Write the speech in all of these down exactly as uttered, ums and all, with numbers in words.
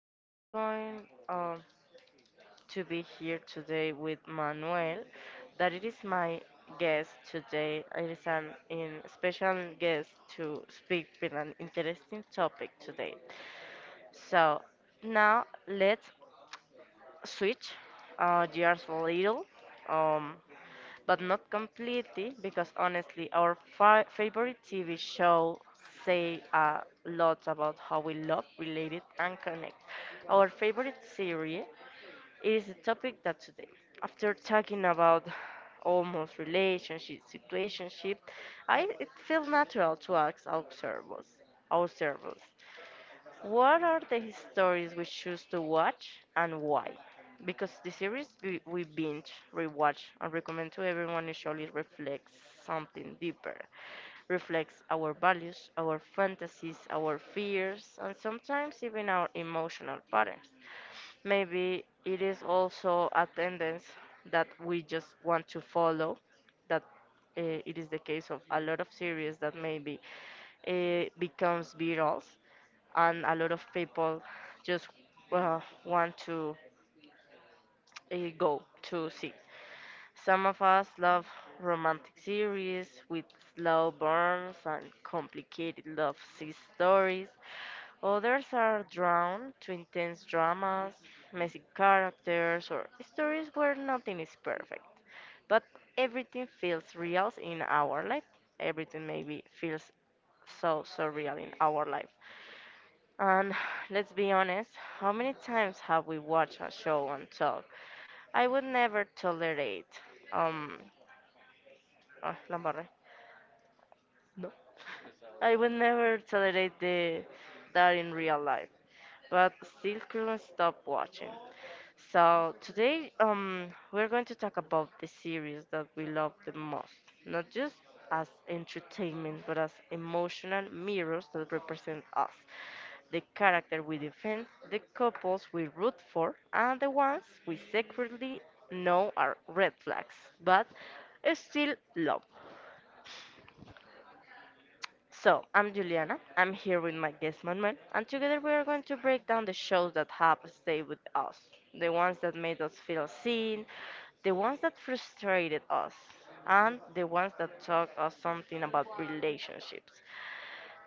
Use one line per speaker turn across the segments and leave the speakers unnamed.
and I'm going um, to be here today with Manuel. That it is my guest today. It is an in special guest to speak with an interesting topic today. So now let's switch uh, gears a little. Um, but not completely because honestly, our fi- favorite T V show say a lot about how we love, related, and connect. Our favorite series is the topic that today, after talking about almost relationship, situationship, I it feels natural to ask our servers, our servers. What are the stories we choose to watch and why? Because the series we, we binge, rewatch, and recommend to everyone usually reflects something deeper, reflects our values, our fantasies, our fears, and sometimes even our emotional patterns. Maybe it is also a tendency that we just want to follow, that uh, it is the case of a lot of series that maybe uh, becomes virals and a lot of people just uh, want to uh, go to see. Some of us love romantic series with slow burns and complicated love s- stories. Others are drawn to intense dramas, messy characters, or stories where nothing is perfect. But everything feels real in our life. Everything maybe feels so so real in our life. And let's be honest, how many times have we watched a show and talk? I would never tolerate, um, ah, Lambarre. No. I would never tolerate the, That in real life, but still couldn't stop watching. So today, um, we're going to talk about the series that we love the most, not just as entertainment, but as emotional mirrors that represent us, the character we defend, the couples we root for, and the ones we secretly know are red flags, but still love. So, I'm Juliana. I'm here with my guest Manuel, and together we are going to break down the shows that have stayed with us, the ones that made us feel seen, the ones that frustrated us, and the ones that taught us something about relationships.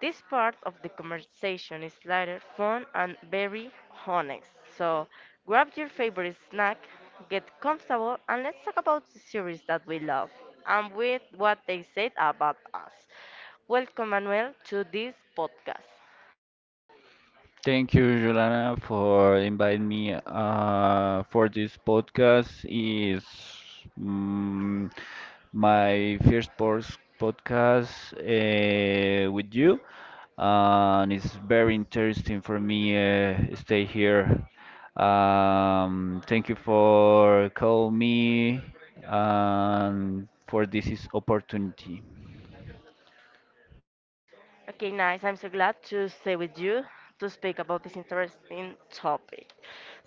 This part of the conversation is lighter, fun, and very honest. So grab your favorite snack, get comfortable, and let's talk about the series that we love and with what they said about us. Welcome, Manuel, to this podcast.
Thank you, Juliana, for inviting me uh, for this podcast. Is mm, my first pos- podcast uh, with you, and it's very interesting for me uh, stay here. Um, thank you for call me and for this is opportunity.
Okay, nice. I'm so glad to stay with you to speak about this interesting topic.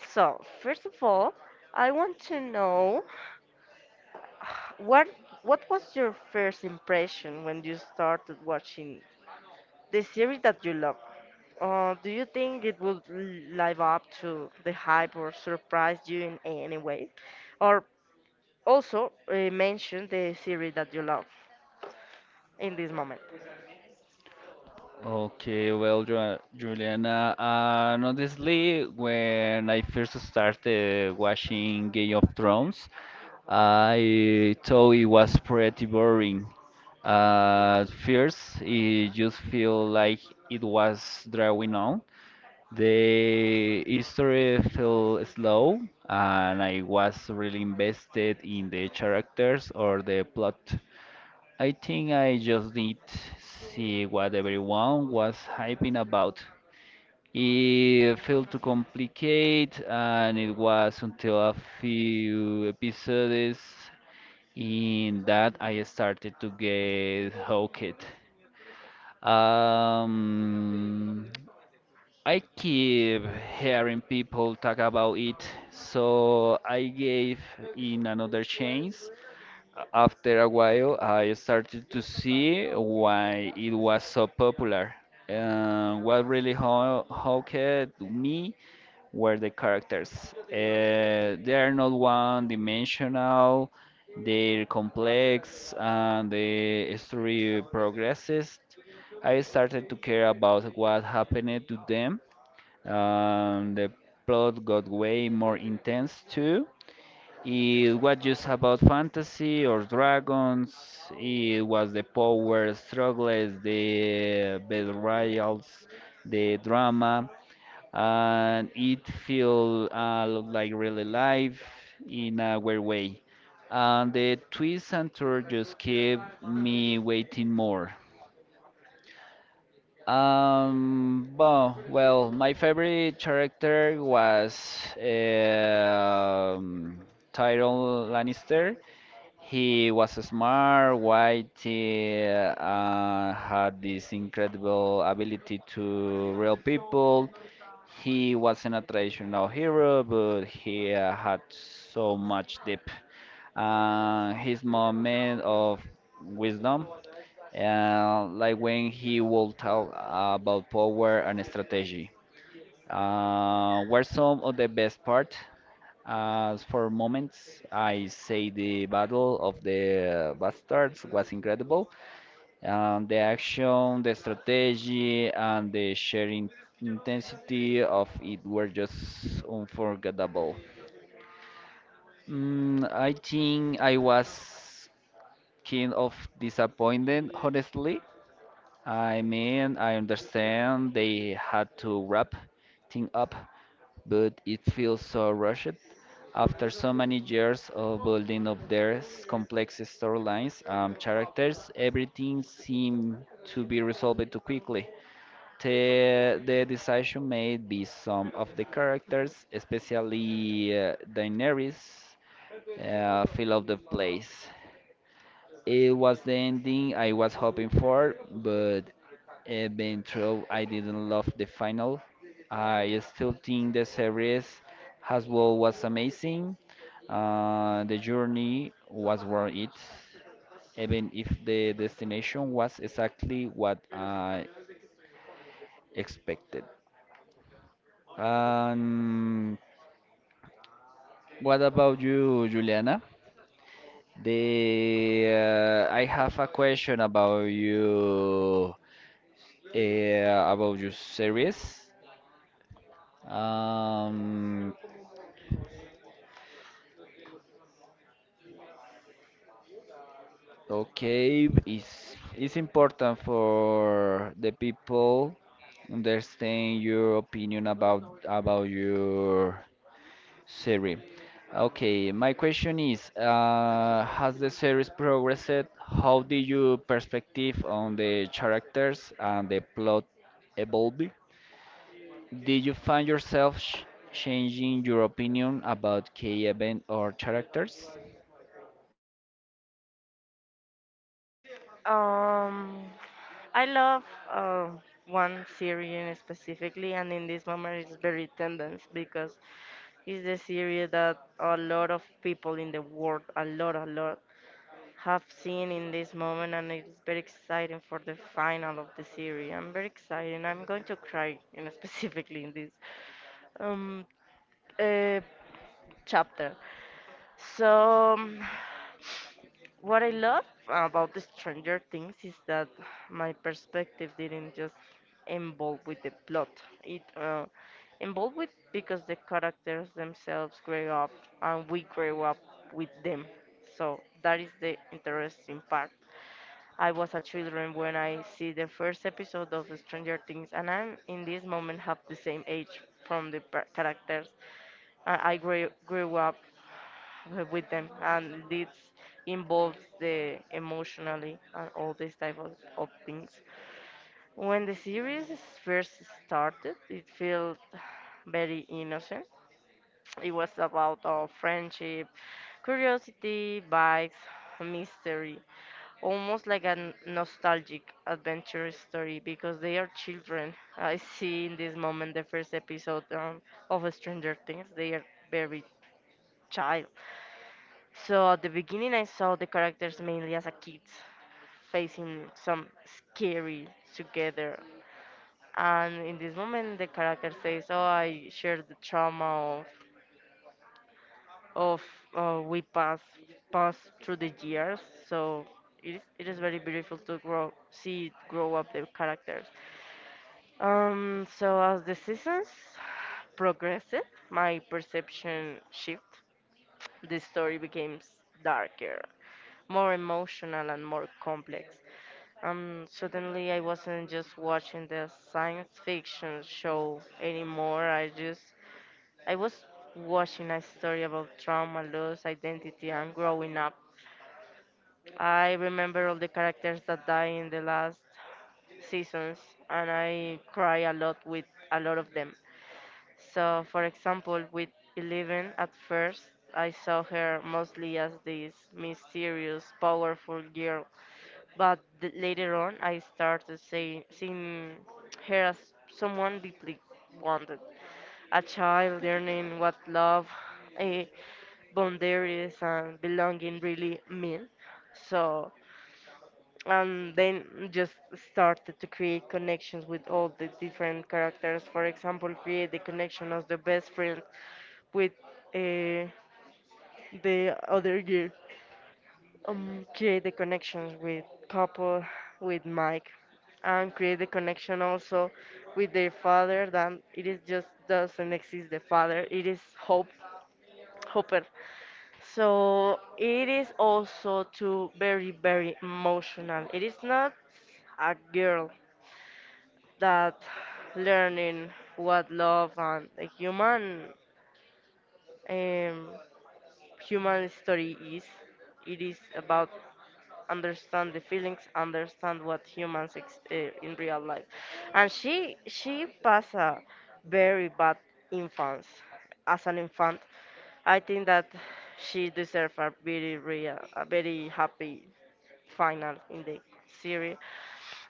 So, first of all, I want to know what what was your first impression when you started watching the series that you love? Uh, do you think it would l- live up to the hype or surprise you in any way? Or also uh, mention the series that you love in this moment.
Okay, well, Ju- Juliana, uh, honestly, when I first started watching Game of Thrones, I thought it was pretty boring. Uh, at first, it just feel like it was drawing on. The history felt slow, and I was really invested in the characters or the plot. I think I just did see what everyone was hyping about. It felt too complicated, and it was until a few episodes in that I started to get hooked. Um, I keep hearing people talk about it, so I gave in another chance. After a while, I started to see why it was so popular. Uh, what really ho- hooked me were the characters. Uh, they are not one-dimensional, they're complex, and the story progresses. I started to care about what happened to them. Um, the plot got way more intense too. It was just about fantasy or dragons. It was the power struggles, the betrayals, the drama, and it felt uh, like real life in a weird way. And the twist and turn just kept me waiting more. Um, well, well, my favorite character was um Tyrion Lannister. He was smart, white, uh, had this incredible ability to real people. He wasn't a traditional hero, but he uh, had so much depth. Uh, his moment of wisdom, uh, like when he will talk about power and strategy, uh, were some of the best part. As for moments, I say the Battle of the Bastards was incredible. Um, the action, the strategy, and the sharing intensity of it were just unforgettable. Mm, I think I was kind of disappointed, honestly. I mean, I understand they had to wrap things up, but it feels so rushed. After so many years of building up their s- complex storylines and characters, everything seemed to be resolved too quickly. The, the decision made by some of the characters, especially uh, Daenerys, uh, feel out of place. It was the ending I was hoping for, but uh, being true, I didn't love the final. I still think the series as well was amazing. Uh, the journey was worth it, even if the destination was exactly what I expected. Um, what about you, Juliana? The uh, I have a question about you, uh, about your series. Um, okay, it's, it's important for the people understand your opinion about about your series. Okay, my question is, uh, has the series progressed? How did your perspective on the characters and the plot evolve? Did you find yourself ch- changing your opinion about key event or characters?
Um, I love uh, one series specifically, and in this moment it's very tendance because it's the series that a lot of people in the world, a lot, a lot have seen in this moment, and it's very exciting for the final of the series. I'm very excited. I'm going to cry, you know, specifically in this um uh, chapter. So, um, what I love about the Stranger Things is that my perspective didn't just involve with the plot. It uh, involved with because the characters themselves grew up, and we grew up with them. So that is the interesting part. I was a children when I see the first episode of Stranger Things, and I'm in this moment have the same age from the par- characters. I, I grew, grew up with them, and this involves the emotionally and all these type of, of things. When the series first started, it felt very innocent. It was about our friendship, curiosity, bikes, mystery almost like a n- nostalgic adventure story because they are children. I see in this moment the first episode um, of Stranger Things, they are very child. So at the beginning, I saw the characters mainly as a kids facing some scary together. And in this moment, the character says, "Oh, I share the trauma of of uh, we pass pass through the years." So it is it is very beautiful to grow see grow up the characters. Um, so as the seasons progressed, my perception shifted. The story became s- darker, more emotional, and more complex. Um, suddenly, I wasn't just watching the science fiction show anymore. I just, I was watching a story about trauma, loss, identity, and growing up. I remember all the characters that die in the last seasons, and I cry a lot with a lot of them. So, for example, with Eleven, at first, I saw her mostly as this mysterious, powerful girl. But th- later on, I started say, seeing her as someone deeply wanted. A child learning what love, eh, boundaries, and belonging really mean. So, and then just started to create connections with all the different characters. For example, create the connection of the best friend with uh, the other girl. Um, create the connections with couple, with Mike, and create the connection also with their father. Then it is just doesn't exist the father. It is Hope, Hopper. So it is also too very very emotional. It is not a girl that learning what love and a human um, human story is. It is about understand the feelings, understand what humans ex- uh, in real life. And she she passed a very bad infance as an infant. I think that she deserves a very real, a very happy final in the series.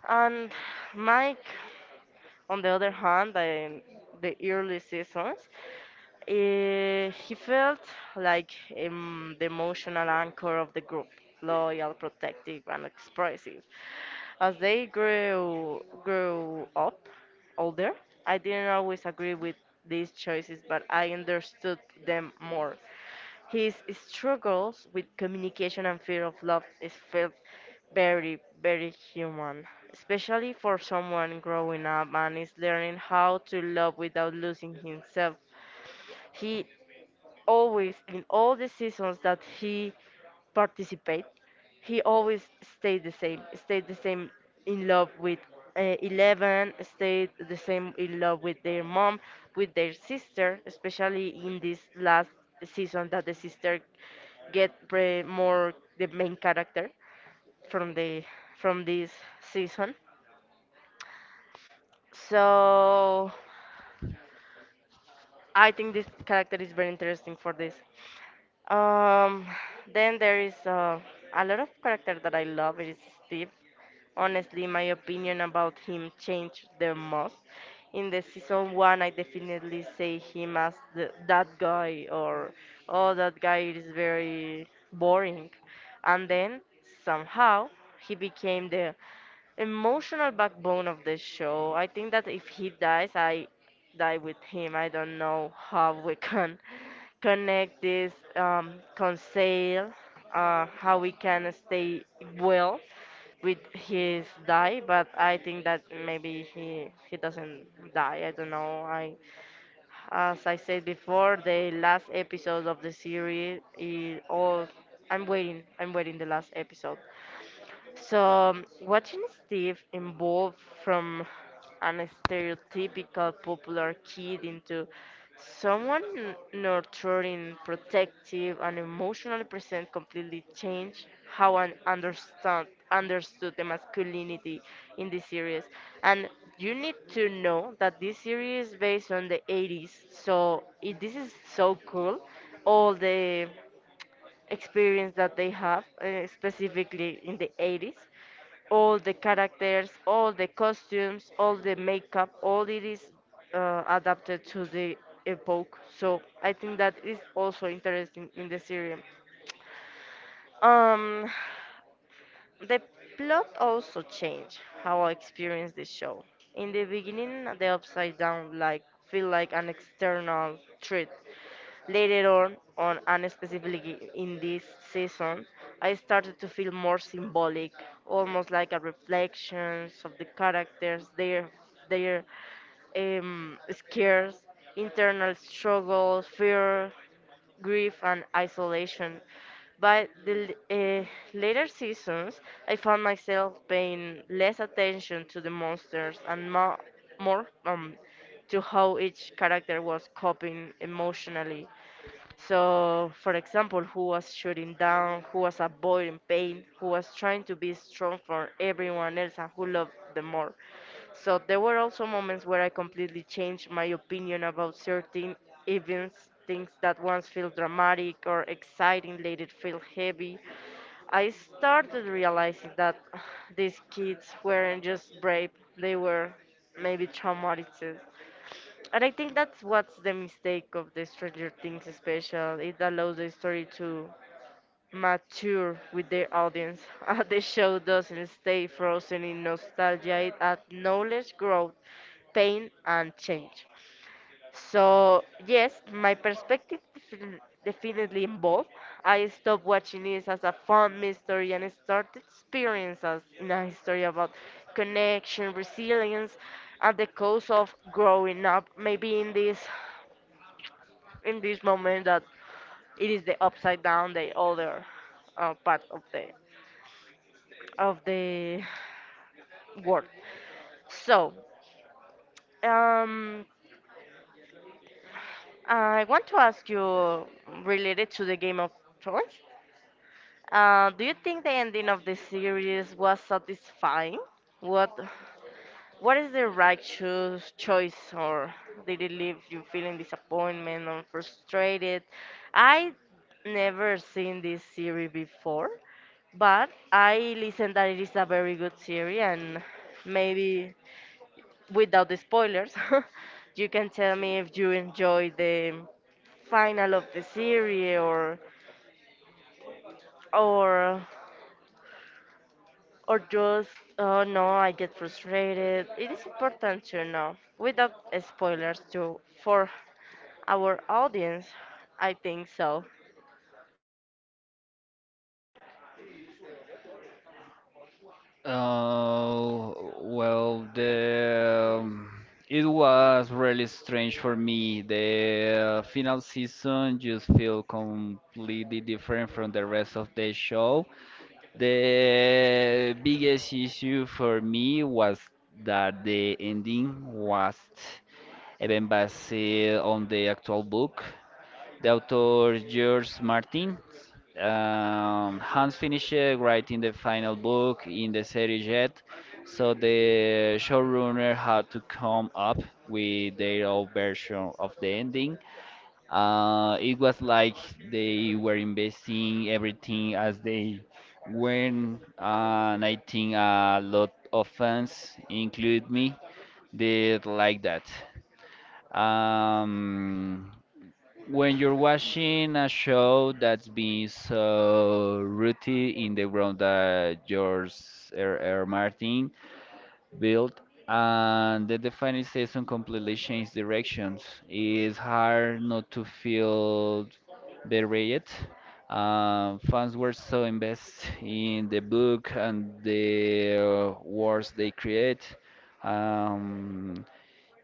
And Mike. On the other hand, um, the early seasons, eh, he felt like um, the emotional anchor of the group, loyal, protective, and expressive. As they grew grew up older, I didn't always agree with these choices, but I understood them more. His struggles with communication and fear of love is felt very, very human, especially for someone growing up and is learning how to love without losing himself. He always in all the seasons that he participate, he always stayed the same, stayed the same in love with uh, Eleven, stayed the same in love with their mom, with their sister, especially in this last season that the sister get pre- more the main character from the from this season. So I think this character is very interesting for this. Um, then there is uh, a lot of character that I love. It is Steve. Honestly, my opinion about him changed the most. In the season one, I definitely say him as the, that guy, or oh, that guy is very boring. And then somehow he became the emotional backbone of the show. I think that if he dies, I die with him. I don't know how we can connect this um, conceal, uh, how we can stay well with his die. But I think that maybe he he doesn't die. I don't know. I as I said before, the last episode of the series is all. I'm waiting. I'm waiting the last episode. So, watching Steve evolve from an stereotypical popular kid into someone n- nurturing, protective, and emotionally present completely changed how I understand understood the masculinity in this series. And you need to know that this series is based on the eighties, so it, this is so cool. All the experience that they have, uh, specifically in the eighties all the characters, all the costumes, all the makeup, all it is uh, adapted to the epoch. So I think that is also interesting in the series. Um, the plot also changed how I experienced the show. In the beginning, the upside down like feel like an external threat. Later on, on and specifically in this season, I started to feel more symbolic, almost like a reflections of the characters, their their um, scares, internal struggles, fear grief, and isolation. By the l- uh, later seasons, I found myself paying less attention to the monsters and more, more um, to how each character was coping emotionally. So, for example, who was shooting down, who was avoiding pain, who was trying to be strong for everyone else, and who loved them more. So, there were also moments where I completely changed my opinion about certain events, things that once felt dramatic or exciting, later felt heavy. I started realizing that these kids weren't just brave, they were maybe traumatized, and I think that's what's the mistake of the Stranger Things special. It allows the story to mature with the audience. Uh, the show doesn't stay frozen in nostalgia, it acknowledges growth, pain, and change. So, yes, my perspective defin- definitely involved. I stopped watching this as a fun mystery and started experience as in a history about connection, resilience, and the cost of growing up. Maybe in this in this moment that it is the upside down, the other uh, part of the of the world. So, um, I want to ask you related to the Game of Thrones. Uh, do you think the ending of the series was satisfying? What What is the right choose, choice, or did it leave you feeling disappointment or frustrated? I never seen this series before, but I listened that it is a very good series, and maybe without the spoilers, you can tell me if you enjoy the final of the series or or or just oh no I get frustrated. It is important to know without spoilers too for our audience, I think so.
Uh, well, the um, it was really strange for me. The uh, final season just feel completely different from the rest of the show. The biggest issue for me was that the ending was even based on the actual book. The author George Martin um, Hans finished uh, writing the final book in the series yet, so the showrunner had to come up with their own version of the ending. Uh, it was like they were investing everything as they went, uh, and I think a lot of fans, include me, did like that. Um, when you're watching a show that's being so rooted in the ground that George R. R. Martin built, and then the final season completely changed directions, it's hard not to feel berate. Uh, fans were so invested in the book and the uh, words they create. Um,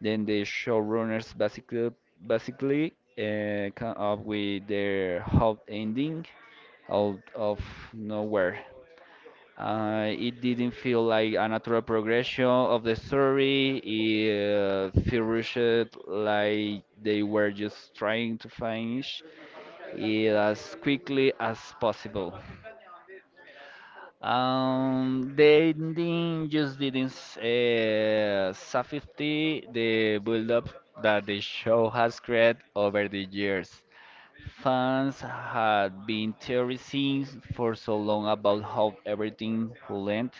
then the showrunners basically basically uh, come up with their hot ending out of nowhere. Uh, it didn't feel like a natural progression of the story. It uh, felt rushed, like they were just trying to finish it as quickly as possible. Um, they didn't just didn't s- uh, safety the build-up that the show has created over the years. Fans had been theorizing for so long about how everything will end,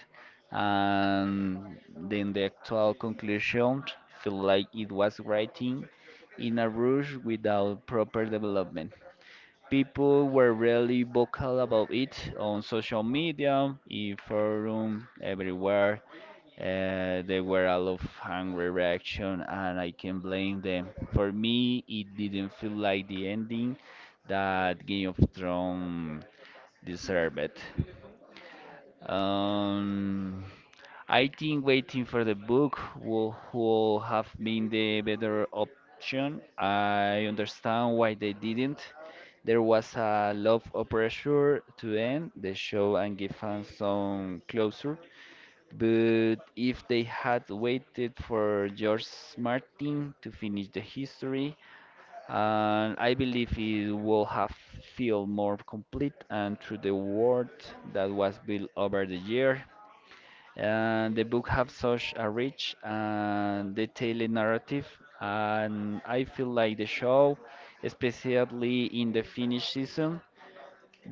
and then the actual conclusion felt like it was writing in a rush without proper development. People were really vocal about it on social media, in forum, everywhere. Uh, there were a lot of angry reaction, and I can blame them. For me, it didn't feel like the ending that Game of Thrones deserved. Um, I think waiting for the book will, will have been the better option. I understand why they didn't. There was a lot of pressure to end the show and give fans some closure. But if they had waited for George Martin to finish the history, and I believe it will have feel more complete and through the world that was built over the year. Uh, the book have such a rich and detailed narrative, and I feel like the show, especially in the Finnish season,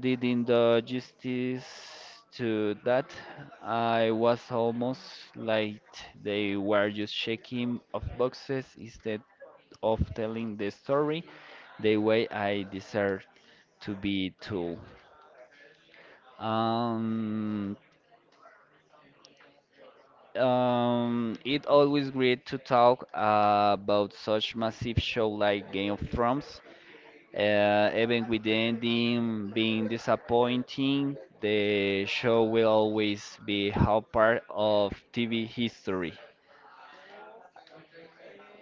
didn't do justice to that. I was almost like they were just checking off boxes instead of telling the story the way I deserve to be told. Um, Um, it always great to talk uh, about such massive show like Game of Thrones, uh, even with the ending being disappointing. The show will always be a part of T V history.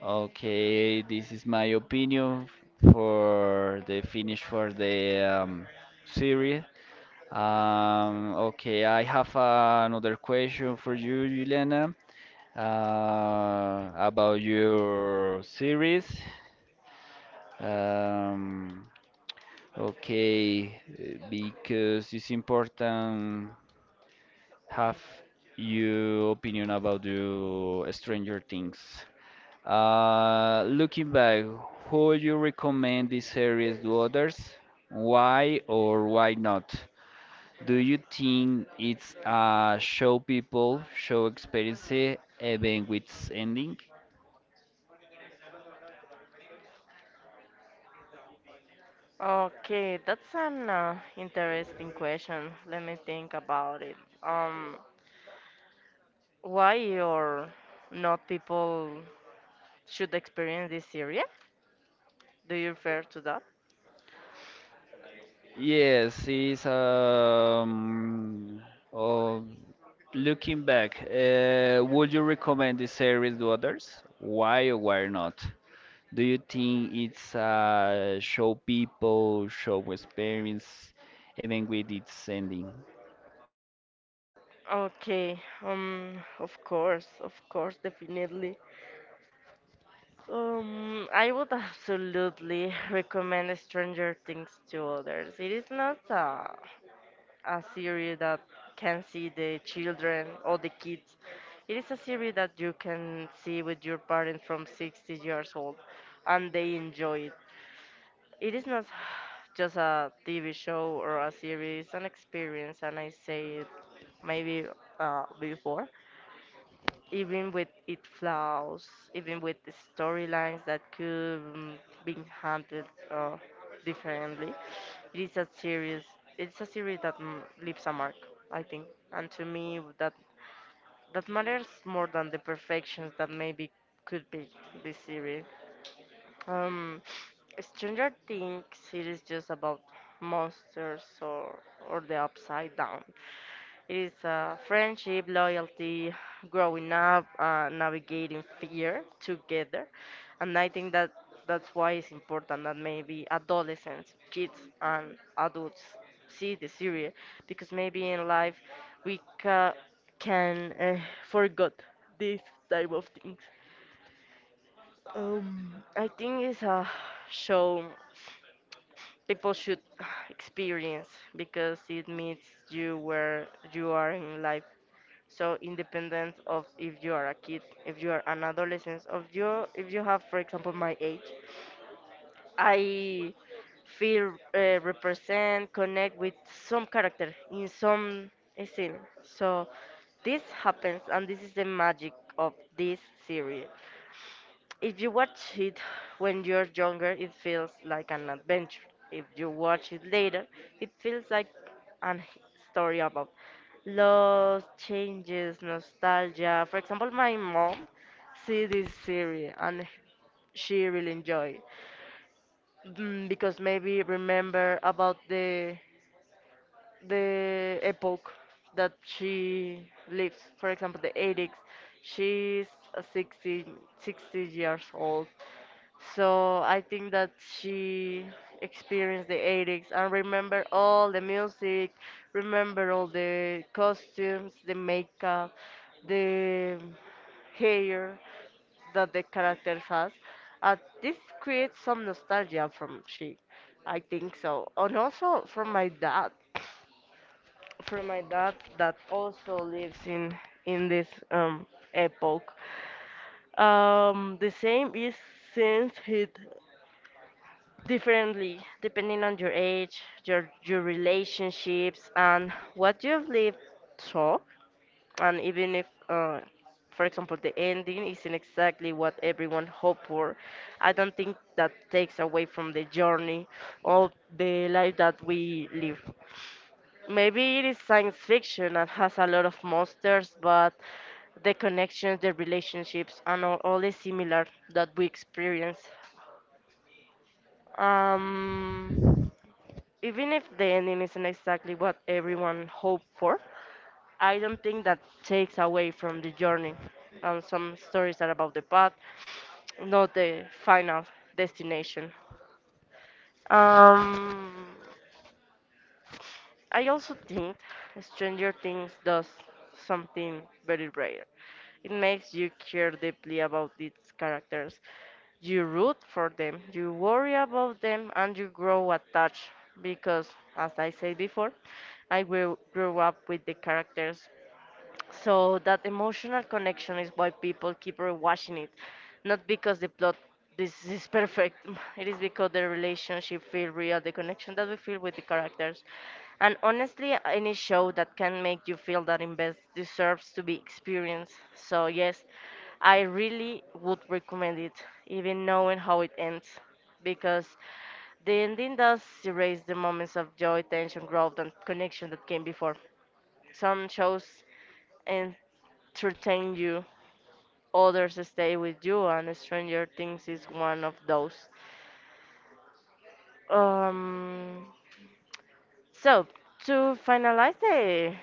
Okay, this is my opinion for the finish for the um, series. Um, okay, I have another question for you, Juliana, uh, about your series. Um, okay, uh, because it's important have your opinion about the Stranger Things. Uh, looking back, who would you recommend this series to others? Why or why not? Do you think it's a show people show experience even with its ending?
Okay, that's an uh, interesting question, let me think about it. Um, why or not people should experience this area, do you refer to that?
Yes, it's um. Oh, looking back, uh, would you recommend this series to others? Why or why not? Do you think it's uh, show people, show experience, even with its ending?
Okay. Um of course of course definitely. Um, I would absolutely recommend Stranger Things to others. It is not a, a series that can see the children or the kids. It is a series that you can see with your parents from sixty years old and they enjoy it. It is not just a T V show or a series, an experience, and I say it maybe uh, before, even with its flaws, even with the storylines that could mm, be handled uh, differently. It is a series. It's a series that mm, leaves a mark, I think. And to me, that that matters more than the perfections that maybe could be this series. Um, Stranger Things series just about monsters or or the upside down. It's uh, friendship, loyalty, growing up, uh, navigating fear together. And I think that that's why it's important that maybe adolescents, kids, and adults see the series, because maybe in life we ca- can uh, forget this type of things. Um, I think it's a show people should experience because it meets you where you are in life, so independent of if you are a kid, if you are an adolescent, of you if you have, for example, my age, I feel uh, represent, connect with some character in some scene. So this happens, and this is the magic of this series. If you watch it when you're younger, it feels like an adventure. If you watch it later, it feels like a story about loss, changes, nostalgia. For example, my mom see this series and she really enjoy it. Mm, because maybe remember about the the epoch that she lives. For example, the eighties, she's uh, sixty sixty years old. So I think that she experienced the eighties and remember all the music, remember all the costumes, the makeup, the hair that the character has. Uh, this creates some nostalgia from she, I think so. And also from my dad for my dad that also lives in in this um epoch. Um, the same is since it differently depending on your age, your your relationships, and what you've lived through, and even if uh, for example, the ending isn't exactly what everyone hoped for. I don't think that takes away from the journey of the life that we live. Maybe it is science fiction and has a lot of monsters, but the connections, the relationships, and all, all is similar that we experience. Um, even if the ending isn't exactly what everyone hoped for, I don't think that takes away from the journey. And some stories are about the path, not the final destination. Um, I also think Stranger Things does something very rare. It makes you care deeply about its characters. You root for them, you worry about them, and you grow attached because, as I said before, I grew, grew up with the characters, so that emotional connection is why people keep rewatching it, not because the plot this is perfect. It is because the relationship feel real, the connection that we feel with the characters, and honestly, any show that can make you feel that invest deserves to be experienced. So yes, I really would recommend it, even knowing how it ends, because the ending does erase the moments of joy, tension, growth, and connection that came before. Some shows and entertain you, others stay with you, and Stranger Things is one of those. Um, so, to finalize the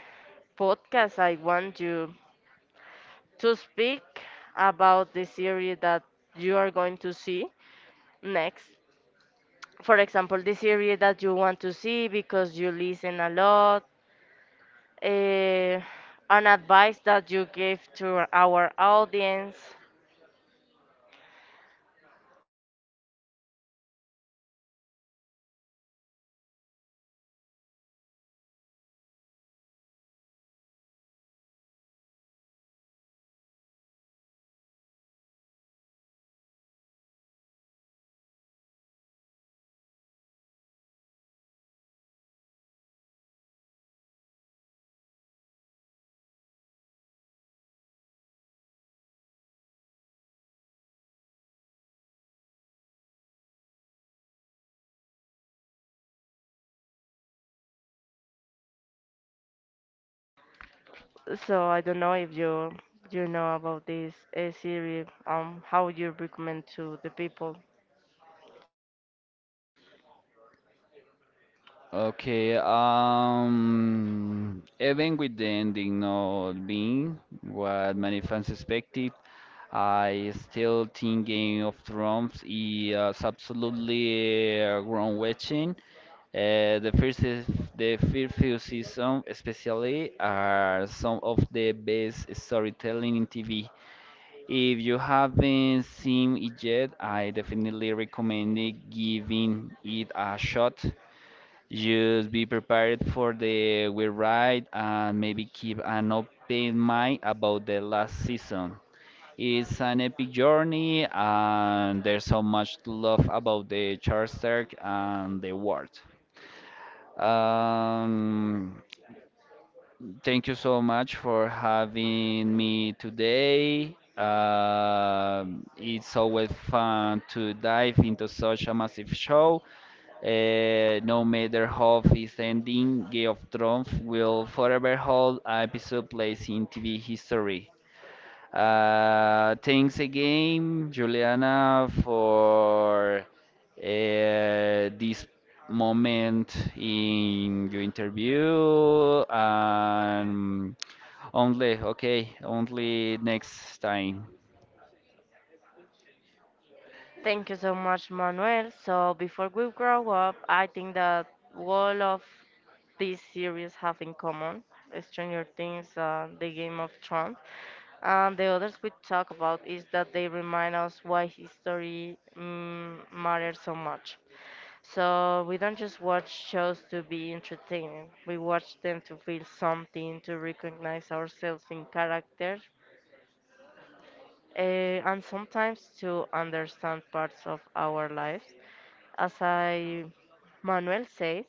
podcast, I want you to speak about the series that you are going to see next. For example, the series that you want to see because you listen a lot, uh, an advice that you give to our audience. So I don't know if you you know about this uh, series. Um, how you recommend to the people?
Okay, um, even with the ending not being what many fans expected, I still think Game of Thrones is absolutely uh, groundbreaking. Uh, the first, is- the first few seasons, especially, are some of the best storytelling in T V. If you haven't seen it yet, I definitely recommend it, giving it a shot. Just be prepared for the we ride and maybe keep an open mind about the last season. It's an epic journey and there's so much to love about the charter and the world. Um, Thank you so much for having me today. Um, it's always fun to dive into such a massive show uh, no matter how its ending, Game of Thrones will forever hold an episode place in T V history. Uh, thanks again, Juliana, for uh, this moment in your interview. Um, only, okay, only next time.
Thank you so much, Manuel. So before we grow up, I think that all of these series have in common Stranger Things, uh, the Game of Thrones, and the others we talk about is that they remind us why history mm, matters so much. So we don't just watch shows to be entertaining. We watch them to feel something, to recognize ourselves in characters, uh, and sometimes to understand parts of our lives as I Manuel says.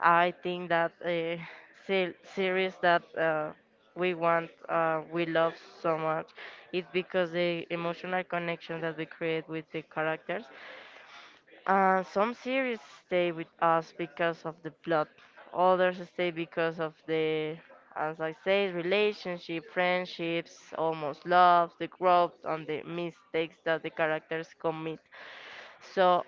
I think that uh, se- series that uh, we want, uh, we love so much, is because the emotional connection that we create with the characters. Uh, some series stay with us because of the plot, others stay because of the, as I say, relationship, friendships, almost love, the growth, and the mistakes that the characters commit. So,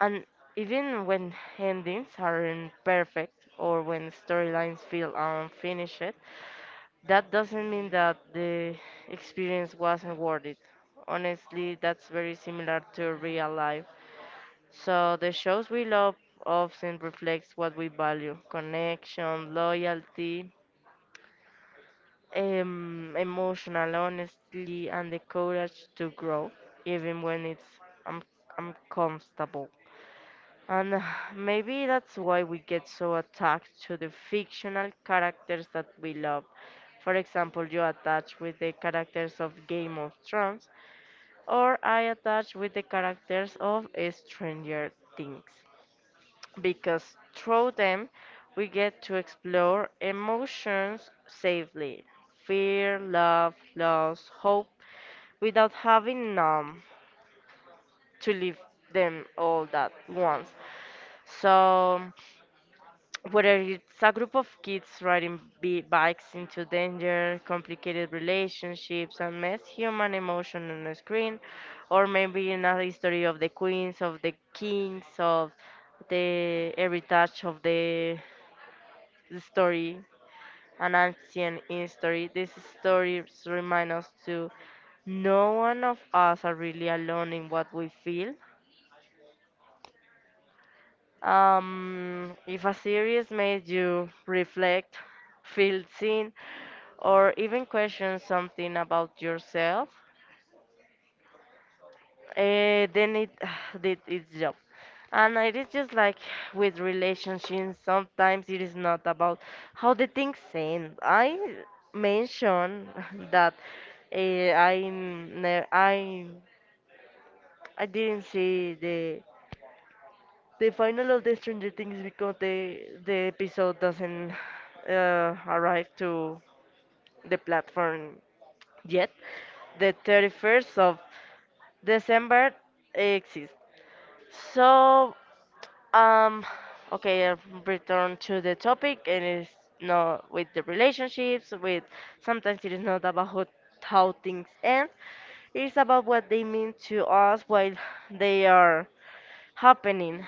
and even when endings aren't perfect or when storylines feel unfinished, that doesn't mean that the experience wasn't worth it. Honestly, that's very similar to real life. So, the shows we love often reflects what we value: connection, loyalty, um, emotional honesty, and the courage to grow, even when it's un- uncomfortable. And maybe that's why we get so attached to the fictional characters that we love. For example, you attach with the characters of Game of Thrones, or I attach with the characters of Stranger Things. Because through them, we get to explore emotions safely: fear, love, loss, hope, without having um, to live them all at once. So whether it's a group of kids riding bi- bikes into danger, complicated relationships, and mess human emotion on the screen, or maybe another a history of the queens, of the kings, of the every touch of the, the story, an ancient history. These stories remind us to no one of us are really alone in what we feel. Um, if a series made you reflect, feel seen, or even question something about yourself, eh, then it did its job. And it is just like with relationships, sometimes it is not about how the things end. I mentioned that eh, I, ne- I, I didn't see the The final of the Stranger Things because the the episode doesn't uh, arrive to the platform yet. The thirty-first of December exists. So um okay, I'll return to the topic. And it's not with the relationships, with sometimes it is not about how, how things end. It's about what they mean to us while they are happening.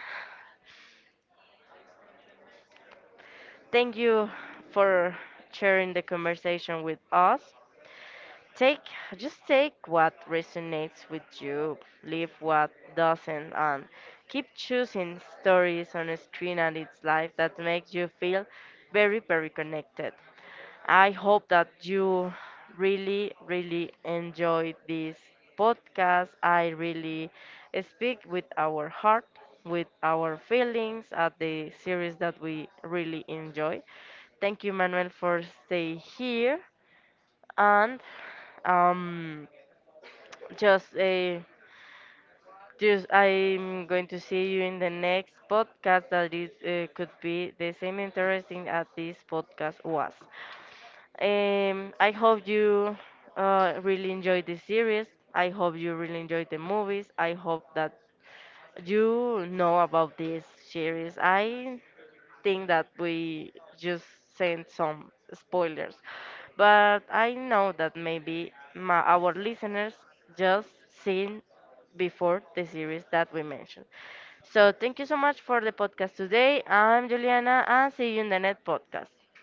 Thank you for sharing the conversation with us. Take just take what resonates with you, leave what doesn't, and keep choosing stories on a screen and its life that makes you feel very, very connected. I hope that you really, really enjoyed this podcast. I really speak with our heart, with our feelings at the series that we really enjoy. Thank you, Manuel, for stay here and um, just a. Just, I'm going to see you in the next podcast that is uh, could be the same interesting as this podcast was. Um, I hope you uh, really enjoyed this series. I hope you really enjoyed the movies. I hope that you know about this series. I think that we just sent some spoilers, but I know that maybe my, our listeners just seen before the series that we mentioned. So thank you so much for the podcast today. I'm Juliana, and see you in the next podcast.